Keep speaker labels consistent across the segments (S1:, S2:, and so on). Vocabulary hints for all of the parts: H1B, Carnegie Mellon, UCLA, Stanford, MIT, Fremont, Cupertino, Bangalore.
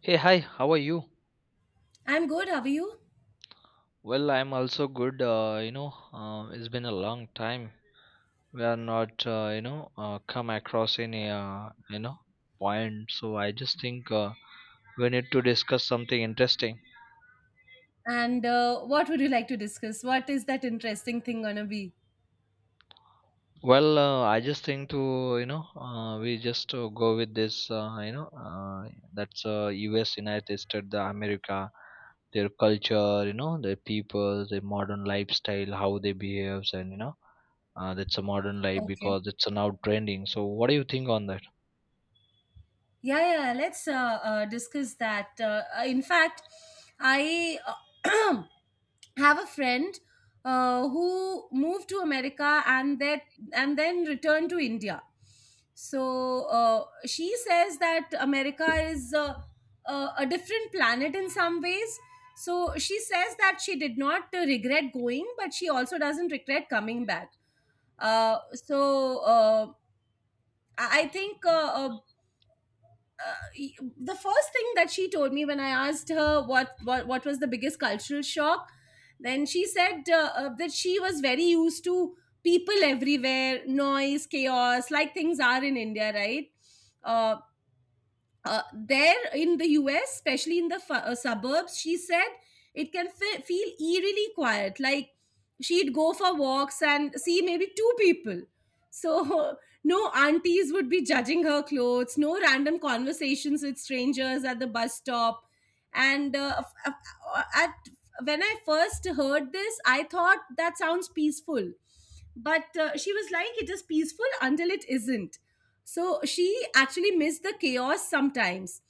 S1: Hey, hi, how are you?
S2: I'm good. How are you?
S1: Well, I'm also good. It's been a long time. We are not, come across any, you know, point. So I just think we need to discuss something interesting.
S2: And what would you like to discuss? What is that interesting thing gonna be?
S1: Well, I just think to we just go with this, that's U.S., United States, the America, their culture, you know, their people, their modern lifestyle, how they behaves, and that's a modern life
S2: Okay.
S1: because it's now trending. So what do you think on that?
S2: Yeah, yeah, let's discuss that. In fact, I have a friend who moved to America and that and then returned to India. So she says that America is a different planet in some ways. So she says that she did not regret going, but she also doesn't regret coming back. Uh, so uh, I think uh, y- the first thing that she told me when I asked her what was the biggest cultural shock, then she said that she was very used to people everywhere, noise, chaos, like things are in India, right? Uh, there in the US, especially in the suburbs, she said it can feel eerily quiet. Like she'd go for walks and see maybe two people. So no aunties would be judging her clothes, no random conversations with strangers at the bus stop. And f- f- at when I first heard this, I thought that sounds peaceful. But she was like, it is peaceful until it isn't. So she actually missed the chaos sometimes.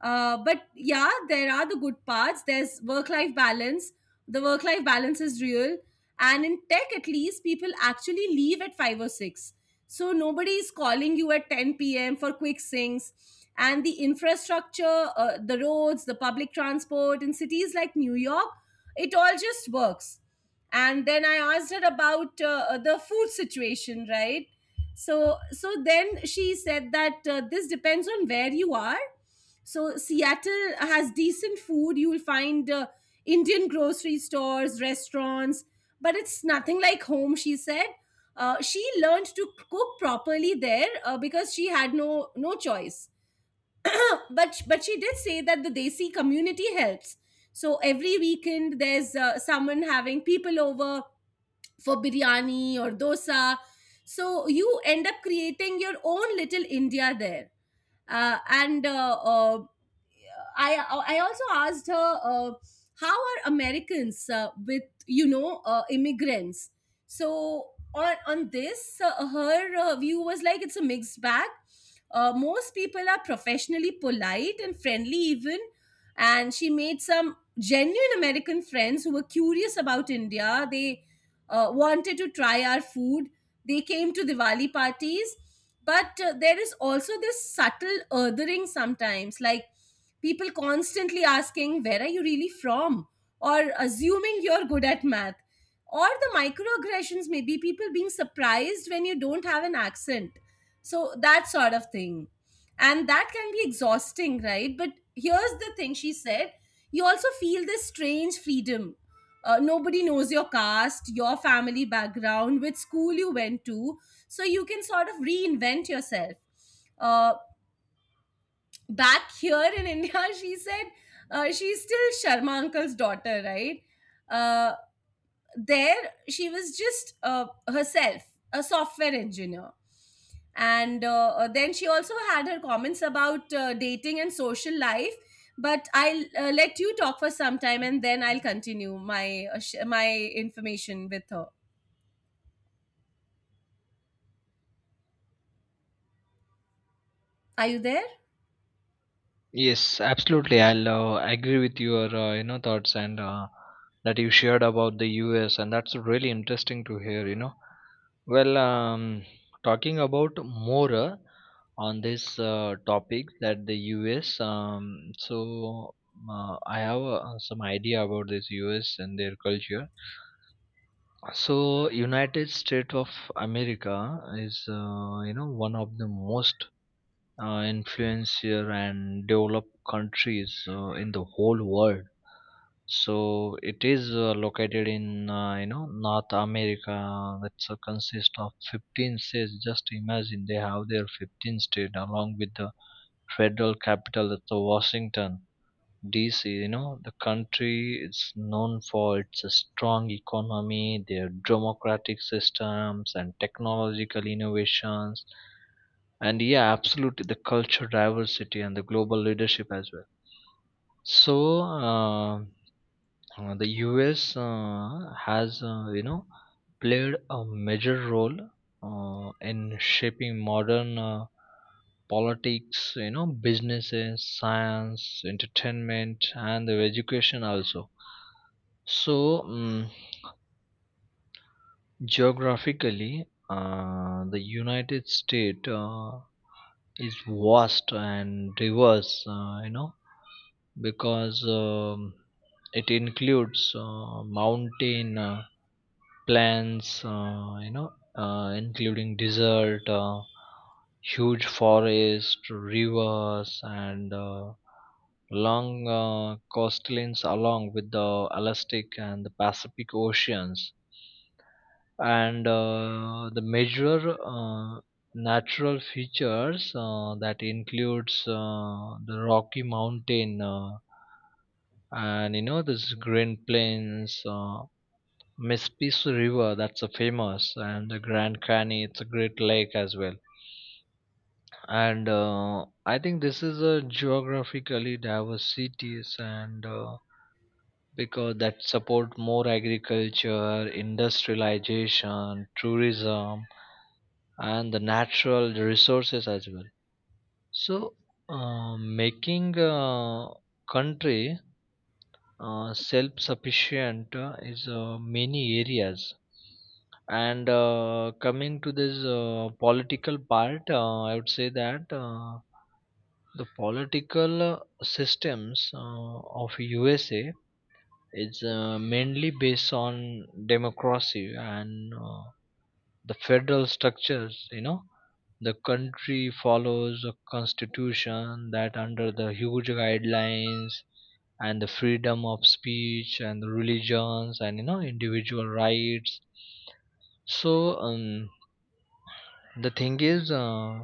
S2: But yeah, there are the good parts. There's work life balance. The work life balance is real, and in tech at least people actually leave at 5 or 6, so nobody is calling you at 10 p.m. for quick syncs. And the infrastructure, the roads, the public transport in cities like New York, it all just works. And then I asked her about the food situation, right? So then she said that this depends on where you are. So Seattle has decent food. You will find Indian grocery stores, restaurants, but it's nothing like home, she said. She learned to cook properly there because she had no choice. But she did say that the desi community helps. So every weekend there's someone having people over for biryani or dosa. So you end up creating your own little India there. Uh, and uh, uh, I, I also asked her, how are Americans with, immigrants? So on this, her view was like it's a mixed bag. Most people are professionally polite and friendly, even. And she made some genuine American friends who were curious about India. They wanted to try our food. They came to Diwali parties. But there is also this subtle othering sometimes, like people constantly asking, where are you really from? Or assuming you're good at math. Or the microaggressions, maybe people being surprised when you don't have an accent. So that sort of thing. And that can be exhausting, right? But here's the thing she said. You also feel this strange freedom. Nobody knows your caste, your family background, which school you went to. So you can sort of reinvent yourself. Uh, Back here in India, she said she's still Sharma uncle's daughter, right? Uh, there she was just herself, a software engineer. And then she also had her comments about dating and social life, but I'll let you talk for some time and then I'll continue my my information with her. Are you there?
S1: Yes, absolutely. I'll agree with your thoughts and that you shared about the US, and that's really interesting to hear. You know, well, talking about more on this topic, that the US. I have some idea about this US and their culture. So, United States of America is, one of the most influential and developed countries in the whole world. So, it is located in, North America. That's consist of 15 states. Just imagine, they have their 15 state along with the federal capital, that's Washington DC. You know, the country is known for its strong economy, their democratic systems, and technological innovations. And yeah, absolutely, the culture diversity and the global leadership as well. So the US has played a major role in shaping modern politics, you know, businesses, science, entertainment, and the education also. So mm geographically, the United States is vast and diverse, because it includes mountain, plans, including desert, huge forest, rivers, and long coastlines along with the Atlantic and the Pacific Oceans. And the major natural features that includes the Rocky Mountain, and you know, this green plains. Mespis River, that's a famous, and the Grand Canyon, it's a great lake as well. And I think this is a geographically diverse cities, and because that support more agriculture, industrialization, tourism, and the natural resources as well. So, making a country self-sufficient is many areas. And coming to this political part, I would say that the political systems of USA is mainly based on democracy and the federal structures. You know, the country follows a constitution that under the huge guidelines, and the freedom of speech and the religions, and you know, individual rights. So, the thing is,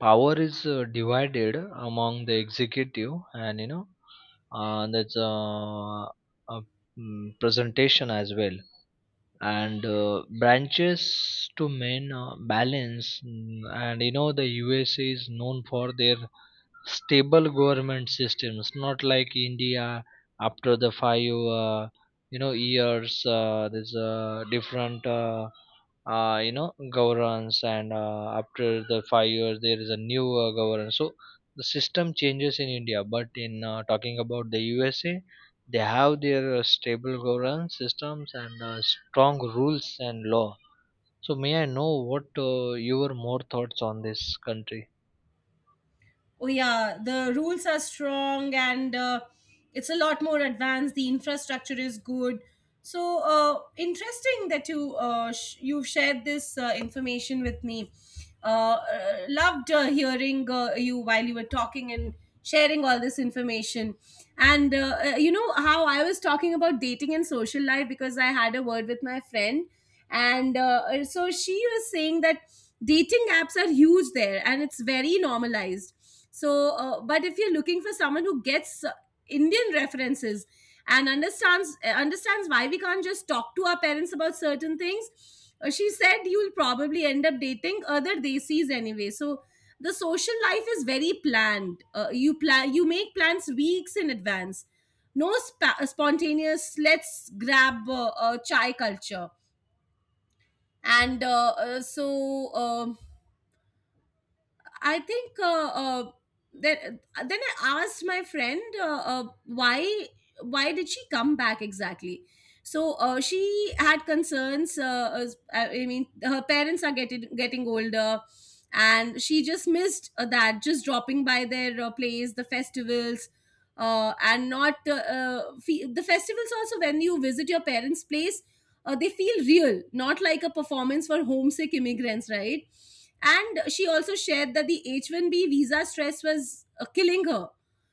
S1: power is divided among the executive, and you know, there's a mm, presentation as well, and branches to men balance, and you know, the USA is known for their stable government systems, not like India. After the five uh, years, there's a different, governance, and after the 5 years there is a new governance. So the system changes in India, but in talking about the USA, they have their stable governance systems and strong rules and law. So may I know what your more thoughts on this country?
S2: Oh yeah, the rules are strong, and it's a lot more advanced. The infrastructure is good. So interesting that you you've shared this information with me. Loved hearing you while you were talking and sharing all this information. And you know how I was talking about dating and social life, because I had a word with my friend. And so she was saying that dating apps are huge there, and it's very normalized. So but if you're looking for someone who gets Indian references and understands why we can't just talk to our parents about certain things, she said you'll probably end up dating other desis anyway. So the social life is very planned. You plan, you make plans weeks in advance. No spontaneous let's grab a chai culture. And I think then I asked my friend why did she come back exactly. So she had concerns. I mean, her parents are getting older, and she just missed that. Just dropping by their place, the festivals, and not fe- the festivals. Also, when you visit your parents' place, they feel real, not like a performance for homesick immigrants, right? And she also shared that the H 1B visa stress was killing her.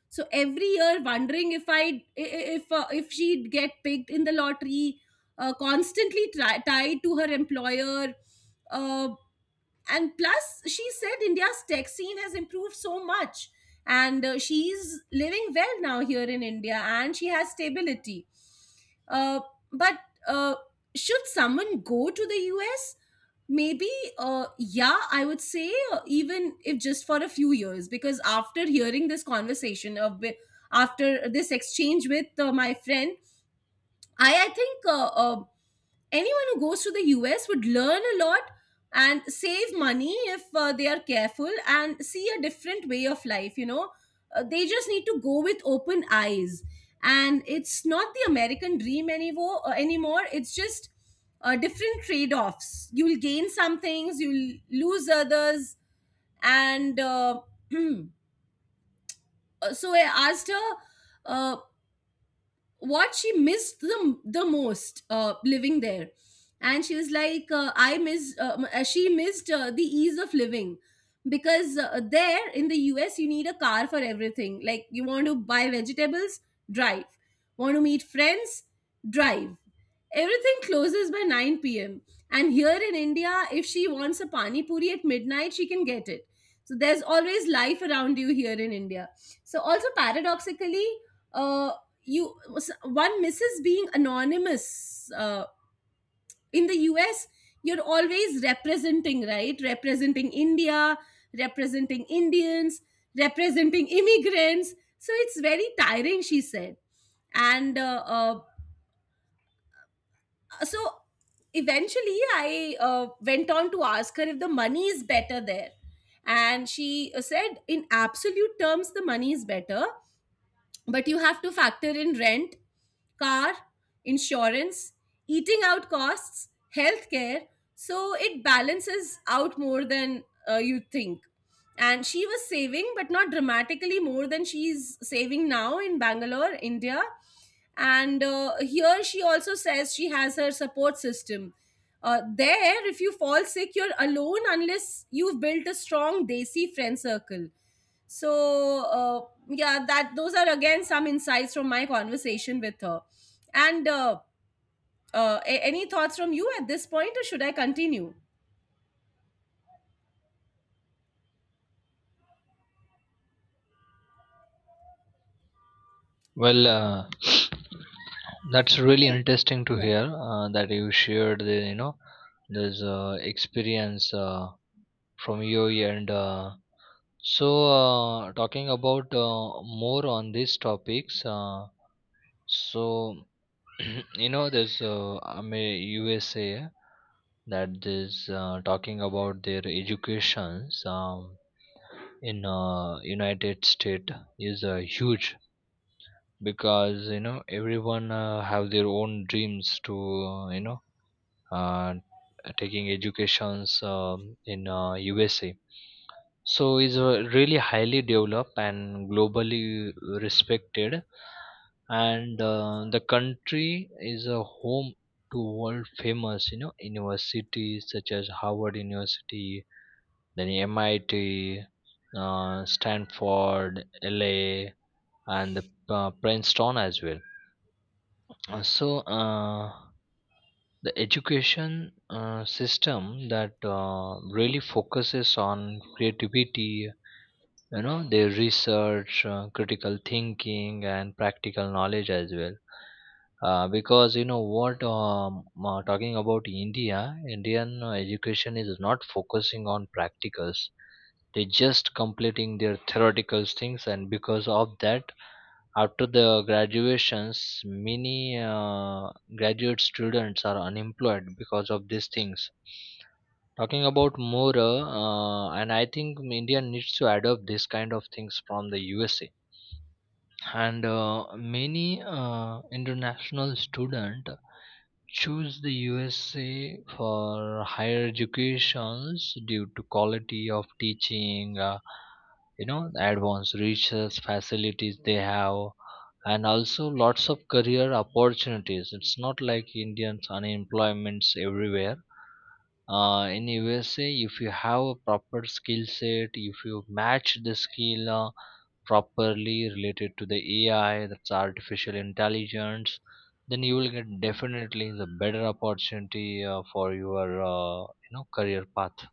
S2: So every year, wondering if I if she'd get picked in the lottery, constantly tied to her employer, uh, and plus she said India's tech scene has improved so much. And she's living well now here in India, and she has stability. uh, but uh, should someone go to the US? Maybe. Yeah, I would say even if just for a few years, because after hearing this conversation of after this exchange with my friend, I think anyone who goes to the US would learn a lot and save money if they are careful, and see a different way of life. You know, they just need to go with open eyes. And it's not the American dream anymore. It's just different trade offs. You'll gain some things, you'll lose others. And uh, so I asked her uh, what she missed the most living there. And she was like, she missed the ease of living, because there in the US you need a car for everything. Like you want to buy vegetables, drive. Want to meet friends, drive. Everything closes by 9 p.m. And here in India, if she wants a pani puri at midnight, she can get it. So there's always life around you here in India. So also paradoxically, uh, you so one misses being anonymous in the US. You're always representing, right? Representing India, representing Indians, representing immigrants. So it's very tiring, she said. And so eventually I went on to ask her if the money is better there. And she said in absolute terms the money is better, but you have to factor in rent, car, insurance, eating out costs, healthcare. So it balances out more than you think. And she was saving, but not dramatically more than she's saving now in Bangalore, India. And here she also says she has her support system. There, if you fall sick, you're alone unless you've built a strong desi friend circle. So yeah, that those are again some insights from my conversation with her. And any thoughts from you at this point, or should I continue?
S1: Well, that's really
S2: Oh,
S1: interesting to
S2: yeah.
S1: hear that you shared the, you know, this experience from your end. So Talking about more on these topics, so you know, this I mean, USA, that is talking about their educations. In United States is huge, because you know, everyone have their own dreams to uh, taking educations in USA. So is really highly developed and globally respected. And the country is a home to world famous you know, universities such as Harvard University, then MIT, Stanford, LA, and Princeton as well. Uh, so uh, the education system that really focuses on creativity. You know, they research critical thinking and practical knowledge as well, because you know what, talking about India, Indian education is not focusing on practicals. They just completing their theoretical things, and because of that, after the graduations, many graduate students are unemployed because of these things. Talking about more, and I think India needs to adopt this kind of things from the USA. And many international student choose the USA for higher educations due to quality of teaching, the advanced research facilities they have, and also lots of career opportunities. It's not like Indians unemployment's everywhere. In USA, if you have a proper skill set, if you match the skill, properly related to the AI, that's artificial intelligence, then you will get definitely the better opportunity for your career path.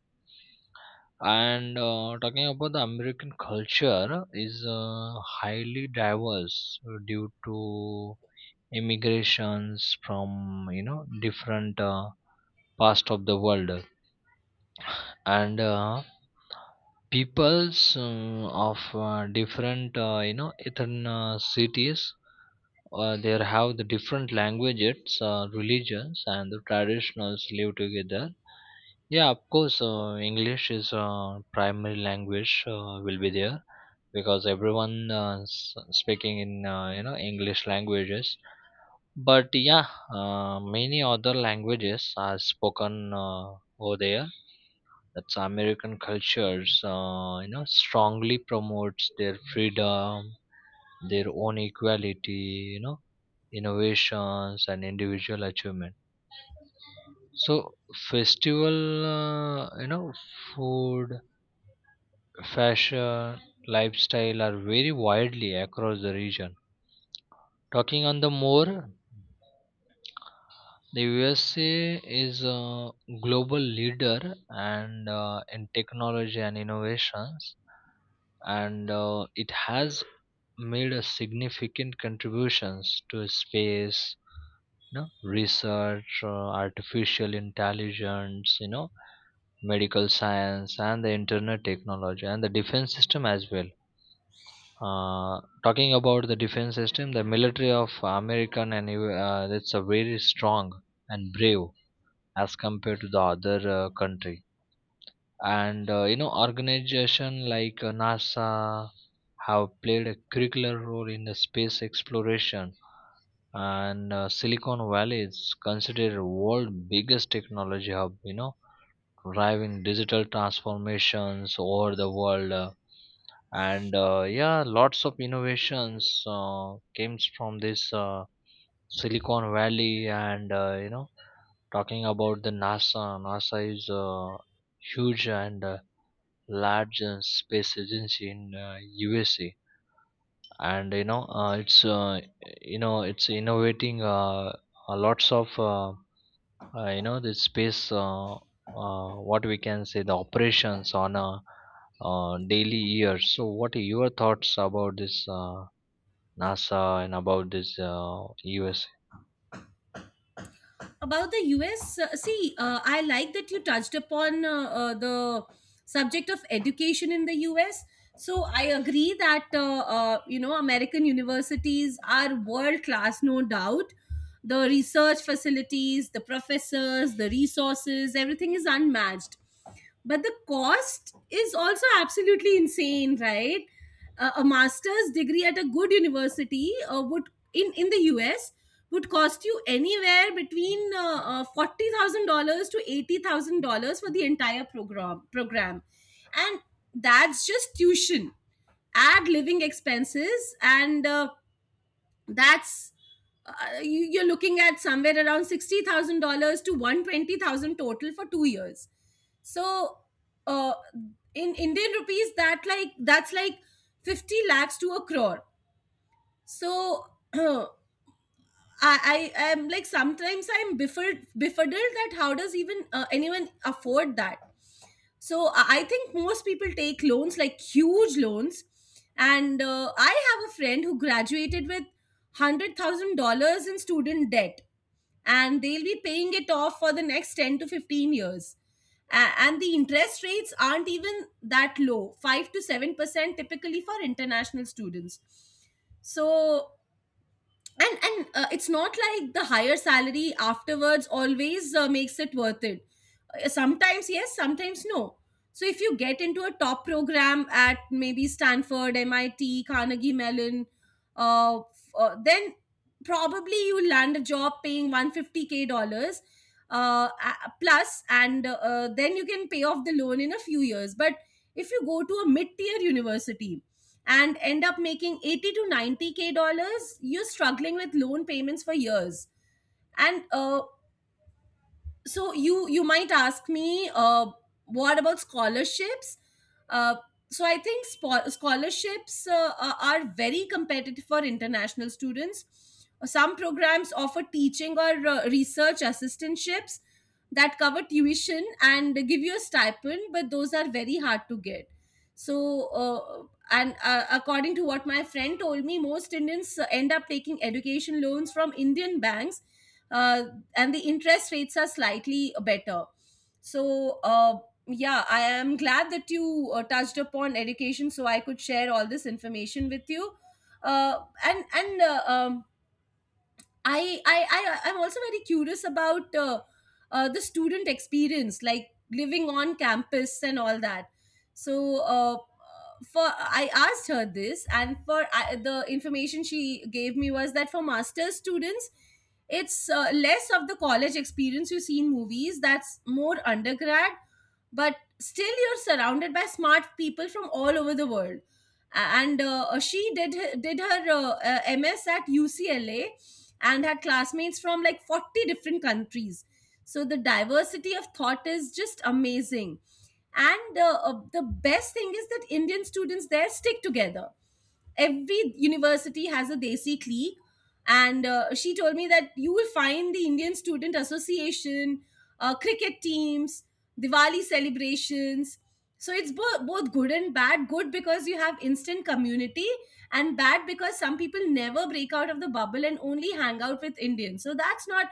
S1: And talking about, the American culture is highly diverse due to immigrations from, you know, different parts of the world. And peoples of different, ethnic cities, they have the different languages, religions, and the traditionals live together. Yeah, of course, English is primary language will be there, because everyone speaking in, English languages. But yeah, many other languages are spoken over there. That's American cultures, strongly promotes their freedom, their own equality, you know, innovations and individual achievement. So festival, uh, you know food, fashion, lifestyle are very widely across the region. Talking on the more, the USA is a global leader, and in technology and innovations. And it has made a significant contributions to space, you know, research, artificial intelligence, you know, medical science and the internet technology and the defense system as well. Talking about the defense system, the military of American and that's a very strong and brave as compared to the other country. And you know, organization like NASA have played a curricular role in the space exploration. And Silicon Valley is considered world biggest technology hub, you know, driving digital transformations over the world. And yeah, lots of innovations came from this Silicon Valley. And talking about the NASA, NASA is huge and large space agency in USA. And you know, it's innovating, lots of, the space, what we can say, the operations on a daily year. So what are your thoughts about this NASA and about this US?
S2: About the US, see, I like that you touched upon the subject of education in the US. So I agree that you know, American universities are world class, no doubt. The research facilities, the professors, the resources, everything is unmatched. But the cost is also absolutely insane, right? A master's degree at a good university would in the US would cost you anywhere between $40,000 to $80,000 for the entire program. And that's just tuition. Add living expenses, and that's you're looking at somewhere around $60,000 to 120,000 total for 2 years. So uh, in Indian rupees, that's like 50 lakhs to a crore. So I, I am like sometimes I'm befuddled that how does even anyone afford that. So I think most people take loans, like huge loans. And I have a friend who graduated with $100,000 in student debt, and they'll be paying it off for the next 10 to 15 years. And the interest rates aren't even that low. 5 to 7% typically for international students. So and it's not like the higher salary afterwards always makes it worth it. Sometimes yes, sometimes no. So if you get into a top program at maybe Stanford, MIT, Carnegie Mellon, then probably you land a job paying 150K dollars, plus, and then you can pay off the loan in a few years. But if you go to a mid tier university and end up making 80 to 90K dollars, you're struggling with loan payments for years. And So you might ask me, what about scholarships? uh, so I think scholarships are very competitive for international students. Some programs offer teaching or research assistantships that cover tuition and give you a stipend, but those are very hard to get. so uh, and According to what my friend told me, most Indians end up taking education loans from Indian banks. uh, and the interest rates are slightly better. so uh, yeah, I am glad that you touched upon education so I could share all this information with you. uh, and I'm also very curious about the student experience, like living on campus and all that. So uh, for I asked her this, and for I, the information she gave me was that for master's students, it's less of the college experience you see in movies. That's more undergrad, but still you're surrounded by smart people from all over the world. And She did her MS at UCLA and had classmates from like 40 different countries. So the diversity of thought is just amazing. And The best thing is that Indian students there stick together. Every university has a desi clique, and she told me that you will find the Indian Student Association, cricket teams, Diwali celebrations. So it's both good and bad. Good because you have instant community, and bad because some people never break out of the bubble and only hang out with Indians. So that's not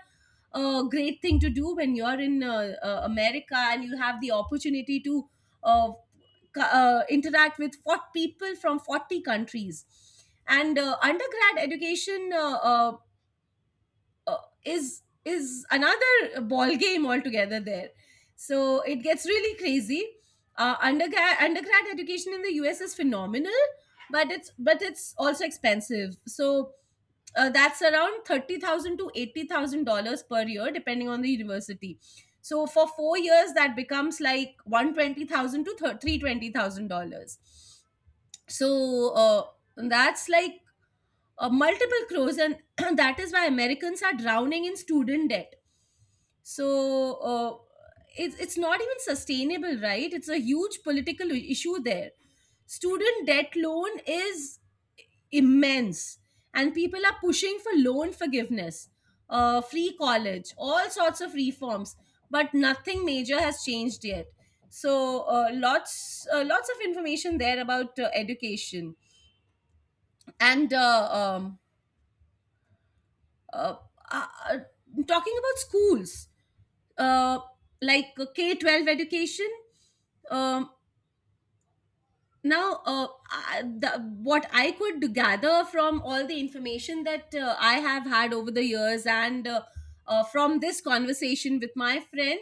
S2: a great thing to do when you're in America and you have the opportunity to uh, interact with 40 people from 40 countries. And Undergrad education is another ball game altogether there. So it gets really crazy. Undergrad education in the US is phenomenal, but it's also expensive. So, that's around $30,000 to $80,000 per year, depending on the university. So for 4 years, that becomes like $120,000 to $320,000. so uh, that's like multiple crores, and that is why Americans are drowning in student debt. so uh, it's not even sustainable, right? It's a huge political issue there. Student debt loan is immense, and people are pushing for loan forgiveness, free college, all sorts of reforms, but nothing major has changed yet. Lots of information there about education. And uh, uh, uh, Talking about schools, uh, like K 12 education, um, now what I could gather from all the information that I have had over the years, and from this conversation with my friend,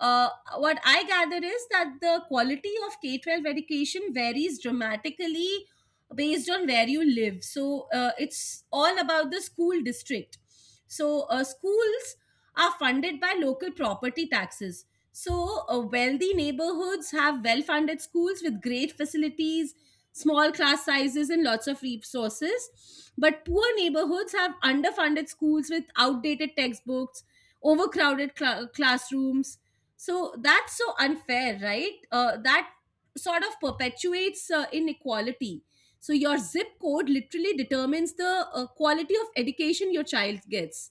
S2: uh, what I gather is that the quality of K-12 education varies dramatically based on where you live. It's all about the school district. Schools are funded by local property taxes. Wealthy neighborhoods have well funded schools with great facilities, small class sizes, and lots of resources. But poor neighborhoods have underfunded schools with outdated textbooks, overcrowded classrooms. So, that's so unfair, right? That sort of perpetuates inequality. So, your zip code literally determines the quality of education your child gets,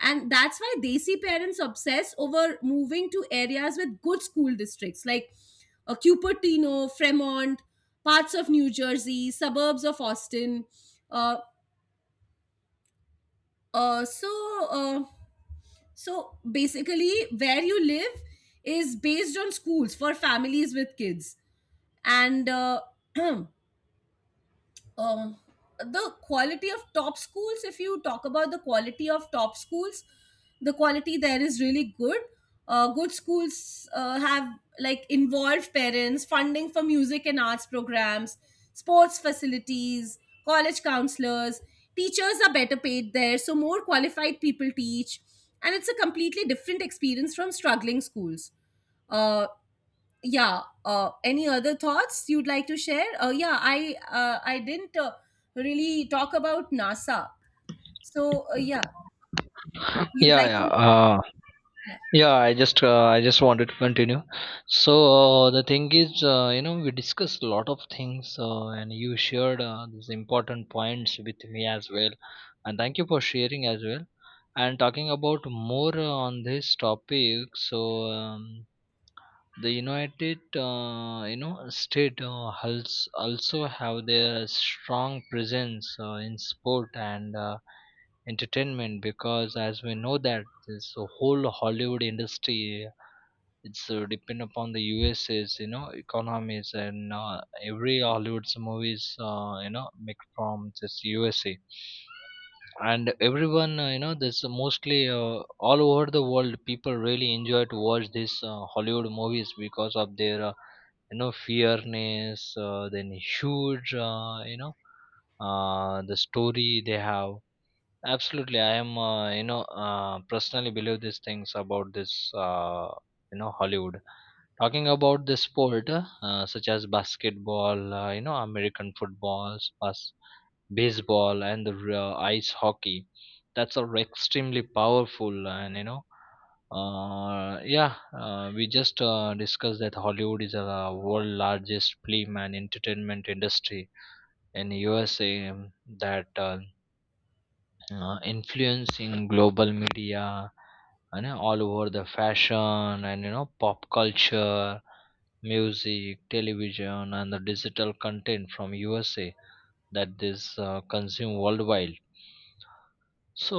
S2: and that's why desi parents obsess over moving to areas with good school districts like Cupertino, Fremont, parts of New Jersey, suburbs of Austin. uh, uh, so uh, so basically, where you live is based on schools for families with kids. And um, the quality of top schools, if you talk about the quality of top schools, the quality there is really good. Good schools have, like, involved parents, funding for music and arts programs, sports facilities, college counselors. Teachers are better paid there, so more qualified people teach, and it's a completely different experience from struggling schools. uh, yeah, any other thoughts you'd like to share? Yeah, I didn't really talk about NASA. Yeah, you'd
S1: yeah
S2: like
S1: yeah
S2: to?
S1: uh,
S2: Yeah,
S1: yeah I just, I just wanted to continue. So the thing is, we discussed a lot of things, and you shared these important points with me as well, and thank you for sharing as well. And talking about more on this topic, so, um, the United, state also have their strong presence in sport and entertainment, because as we know, that this whole Hollywood industry, it's depend upon the USA's, you know, economies. And every Hollywood's movies, make from this USA. And everyone, this mostly, all over the world, people really enjoy to watch these Hollywood movies because of their, fairness, then huge, the story they have. Absolutely, I am, personally believe these things about this, Hollywood. Talking about the sport, such as basketball, American footballs, baseball, and ice hockey, that's all extremely powerful. Uh, and you know yeah, we just discussed that Hollywood is a world largest film and entertainment industry in USA. That Influencing global media and all over the fashion, and you know, pop culture, music, television, and the digital content from USA, that is consumed worldwide. So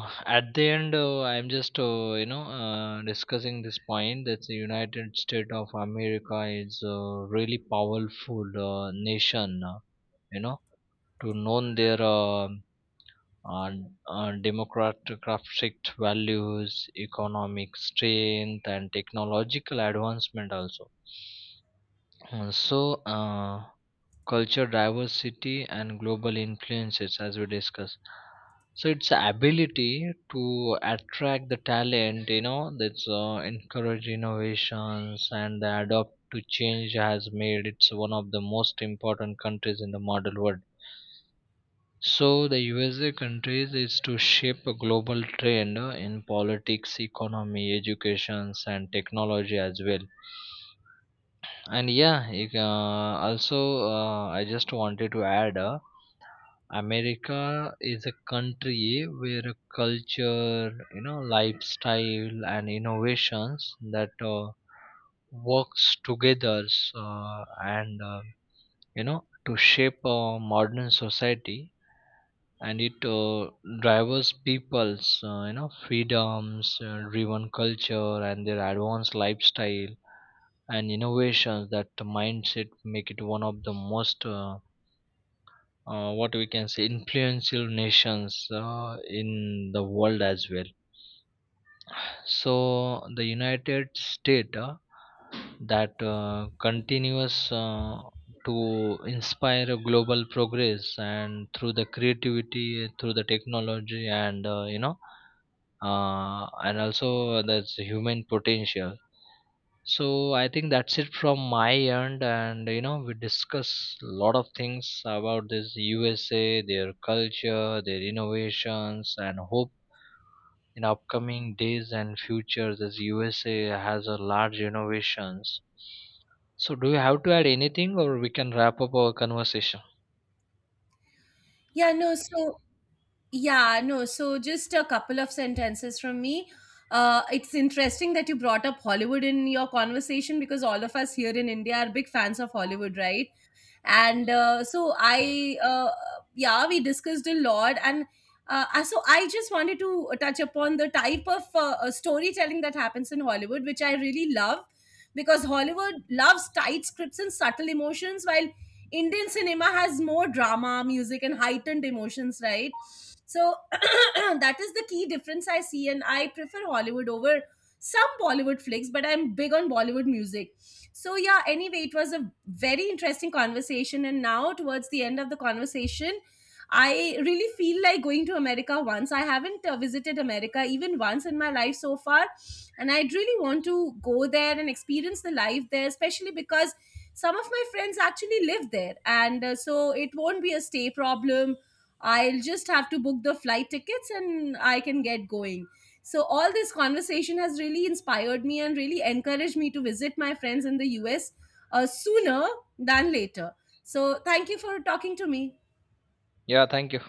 S1: at the end, I'm just, discussing this point, that the United States of America is a really powerful nation. You know, to known their, uh, democratic values, economic strength, and technological advancement also. Uh, So, uh, Culture diversity and global influences, as we discuss. So its ability to attract the talent, you know, that's encourage innovations and adopt to change, has made it's one of the most important countries in the modern world. So the USA countries is to shape a global trend in politics, economy, education, and technology as well. And yeah, it, also I just wanted to add, America is a country where culture, you know, lifestyle, and innovations that works together, uh, and uh, to shape a modern society. And it, drives people's, freedoms, driven culture, and their advanced lifestyle and innovations, that mindset, make it one of the most, what we can say, influential nations in the world as well. So the United States, that continues to inspire a global progress, and through the creativity, through the technology, and and also, there's human potential. So I think that's it from my end. And you know, we discuss a lot of things about this USA, their culture, their innovations, and hope in upcoming days and future, this USA has a large innovations. So do you have to add anything, or we can wrap up our conversation?
S2: yeah, no, so. Yeah, no, so just a couple of sentences from me. It's interesting that you brought up Hollywood in your conversation because all of us here in India are big fans of Hollywood, right? And So I, yeah, we discussed a lot. And So I just wanted to touch upon the type of storytelling that happens in Hollywood, which I really love, because Hollywood loves tight scripts and subtle emotions, while Indian cinema has more drama, music, and heightened emotions, right? So that is the key difference I see, and I prefer Hollywood over some Bollywood flicks, but I'm big on Bollywood music. So yeah, anyway, it was a very interesting conversation, and now towards the end of the conversation, I really feel like going to America once. I haven't visited America even once in my life so far, and I really want to go there and experience the life there, especially because some of my friends actually live there, and so it won't be a stay problem. I'll just have to book the flight tickets and I can get going. So all this conversation has really inspired me and really encouraged me to visit my friends in the US, sooner than later. So thank you for talking to me.
S1: Yeah, thank you.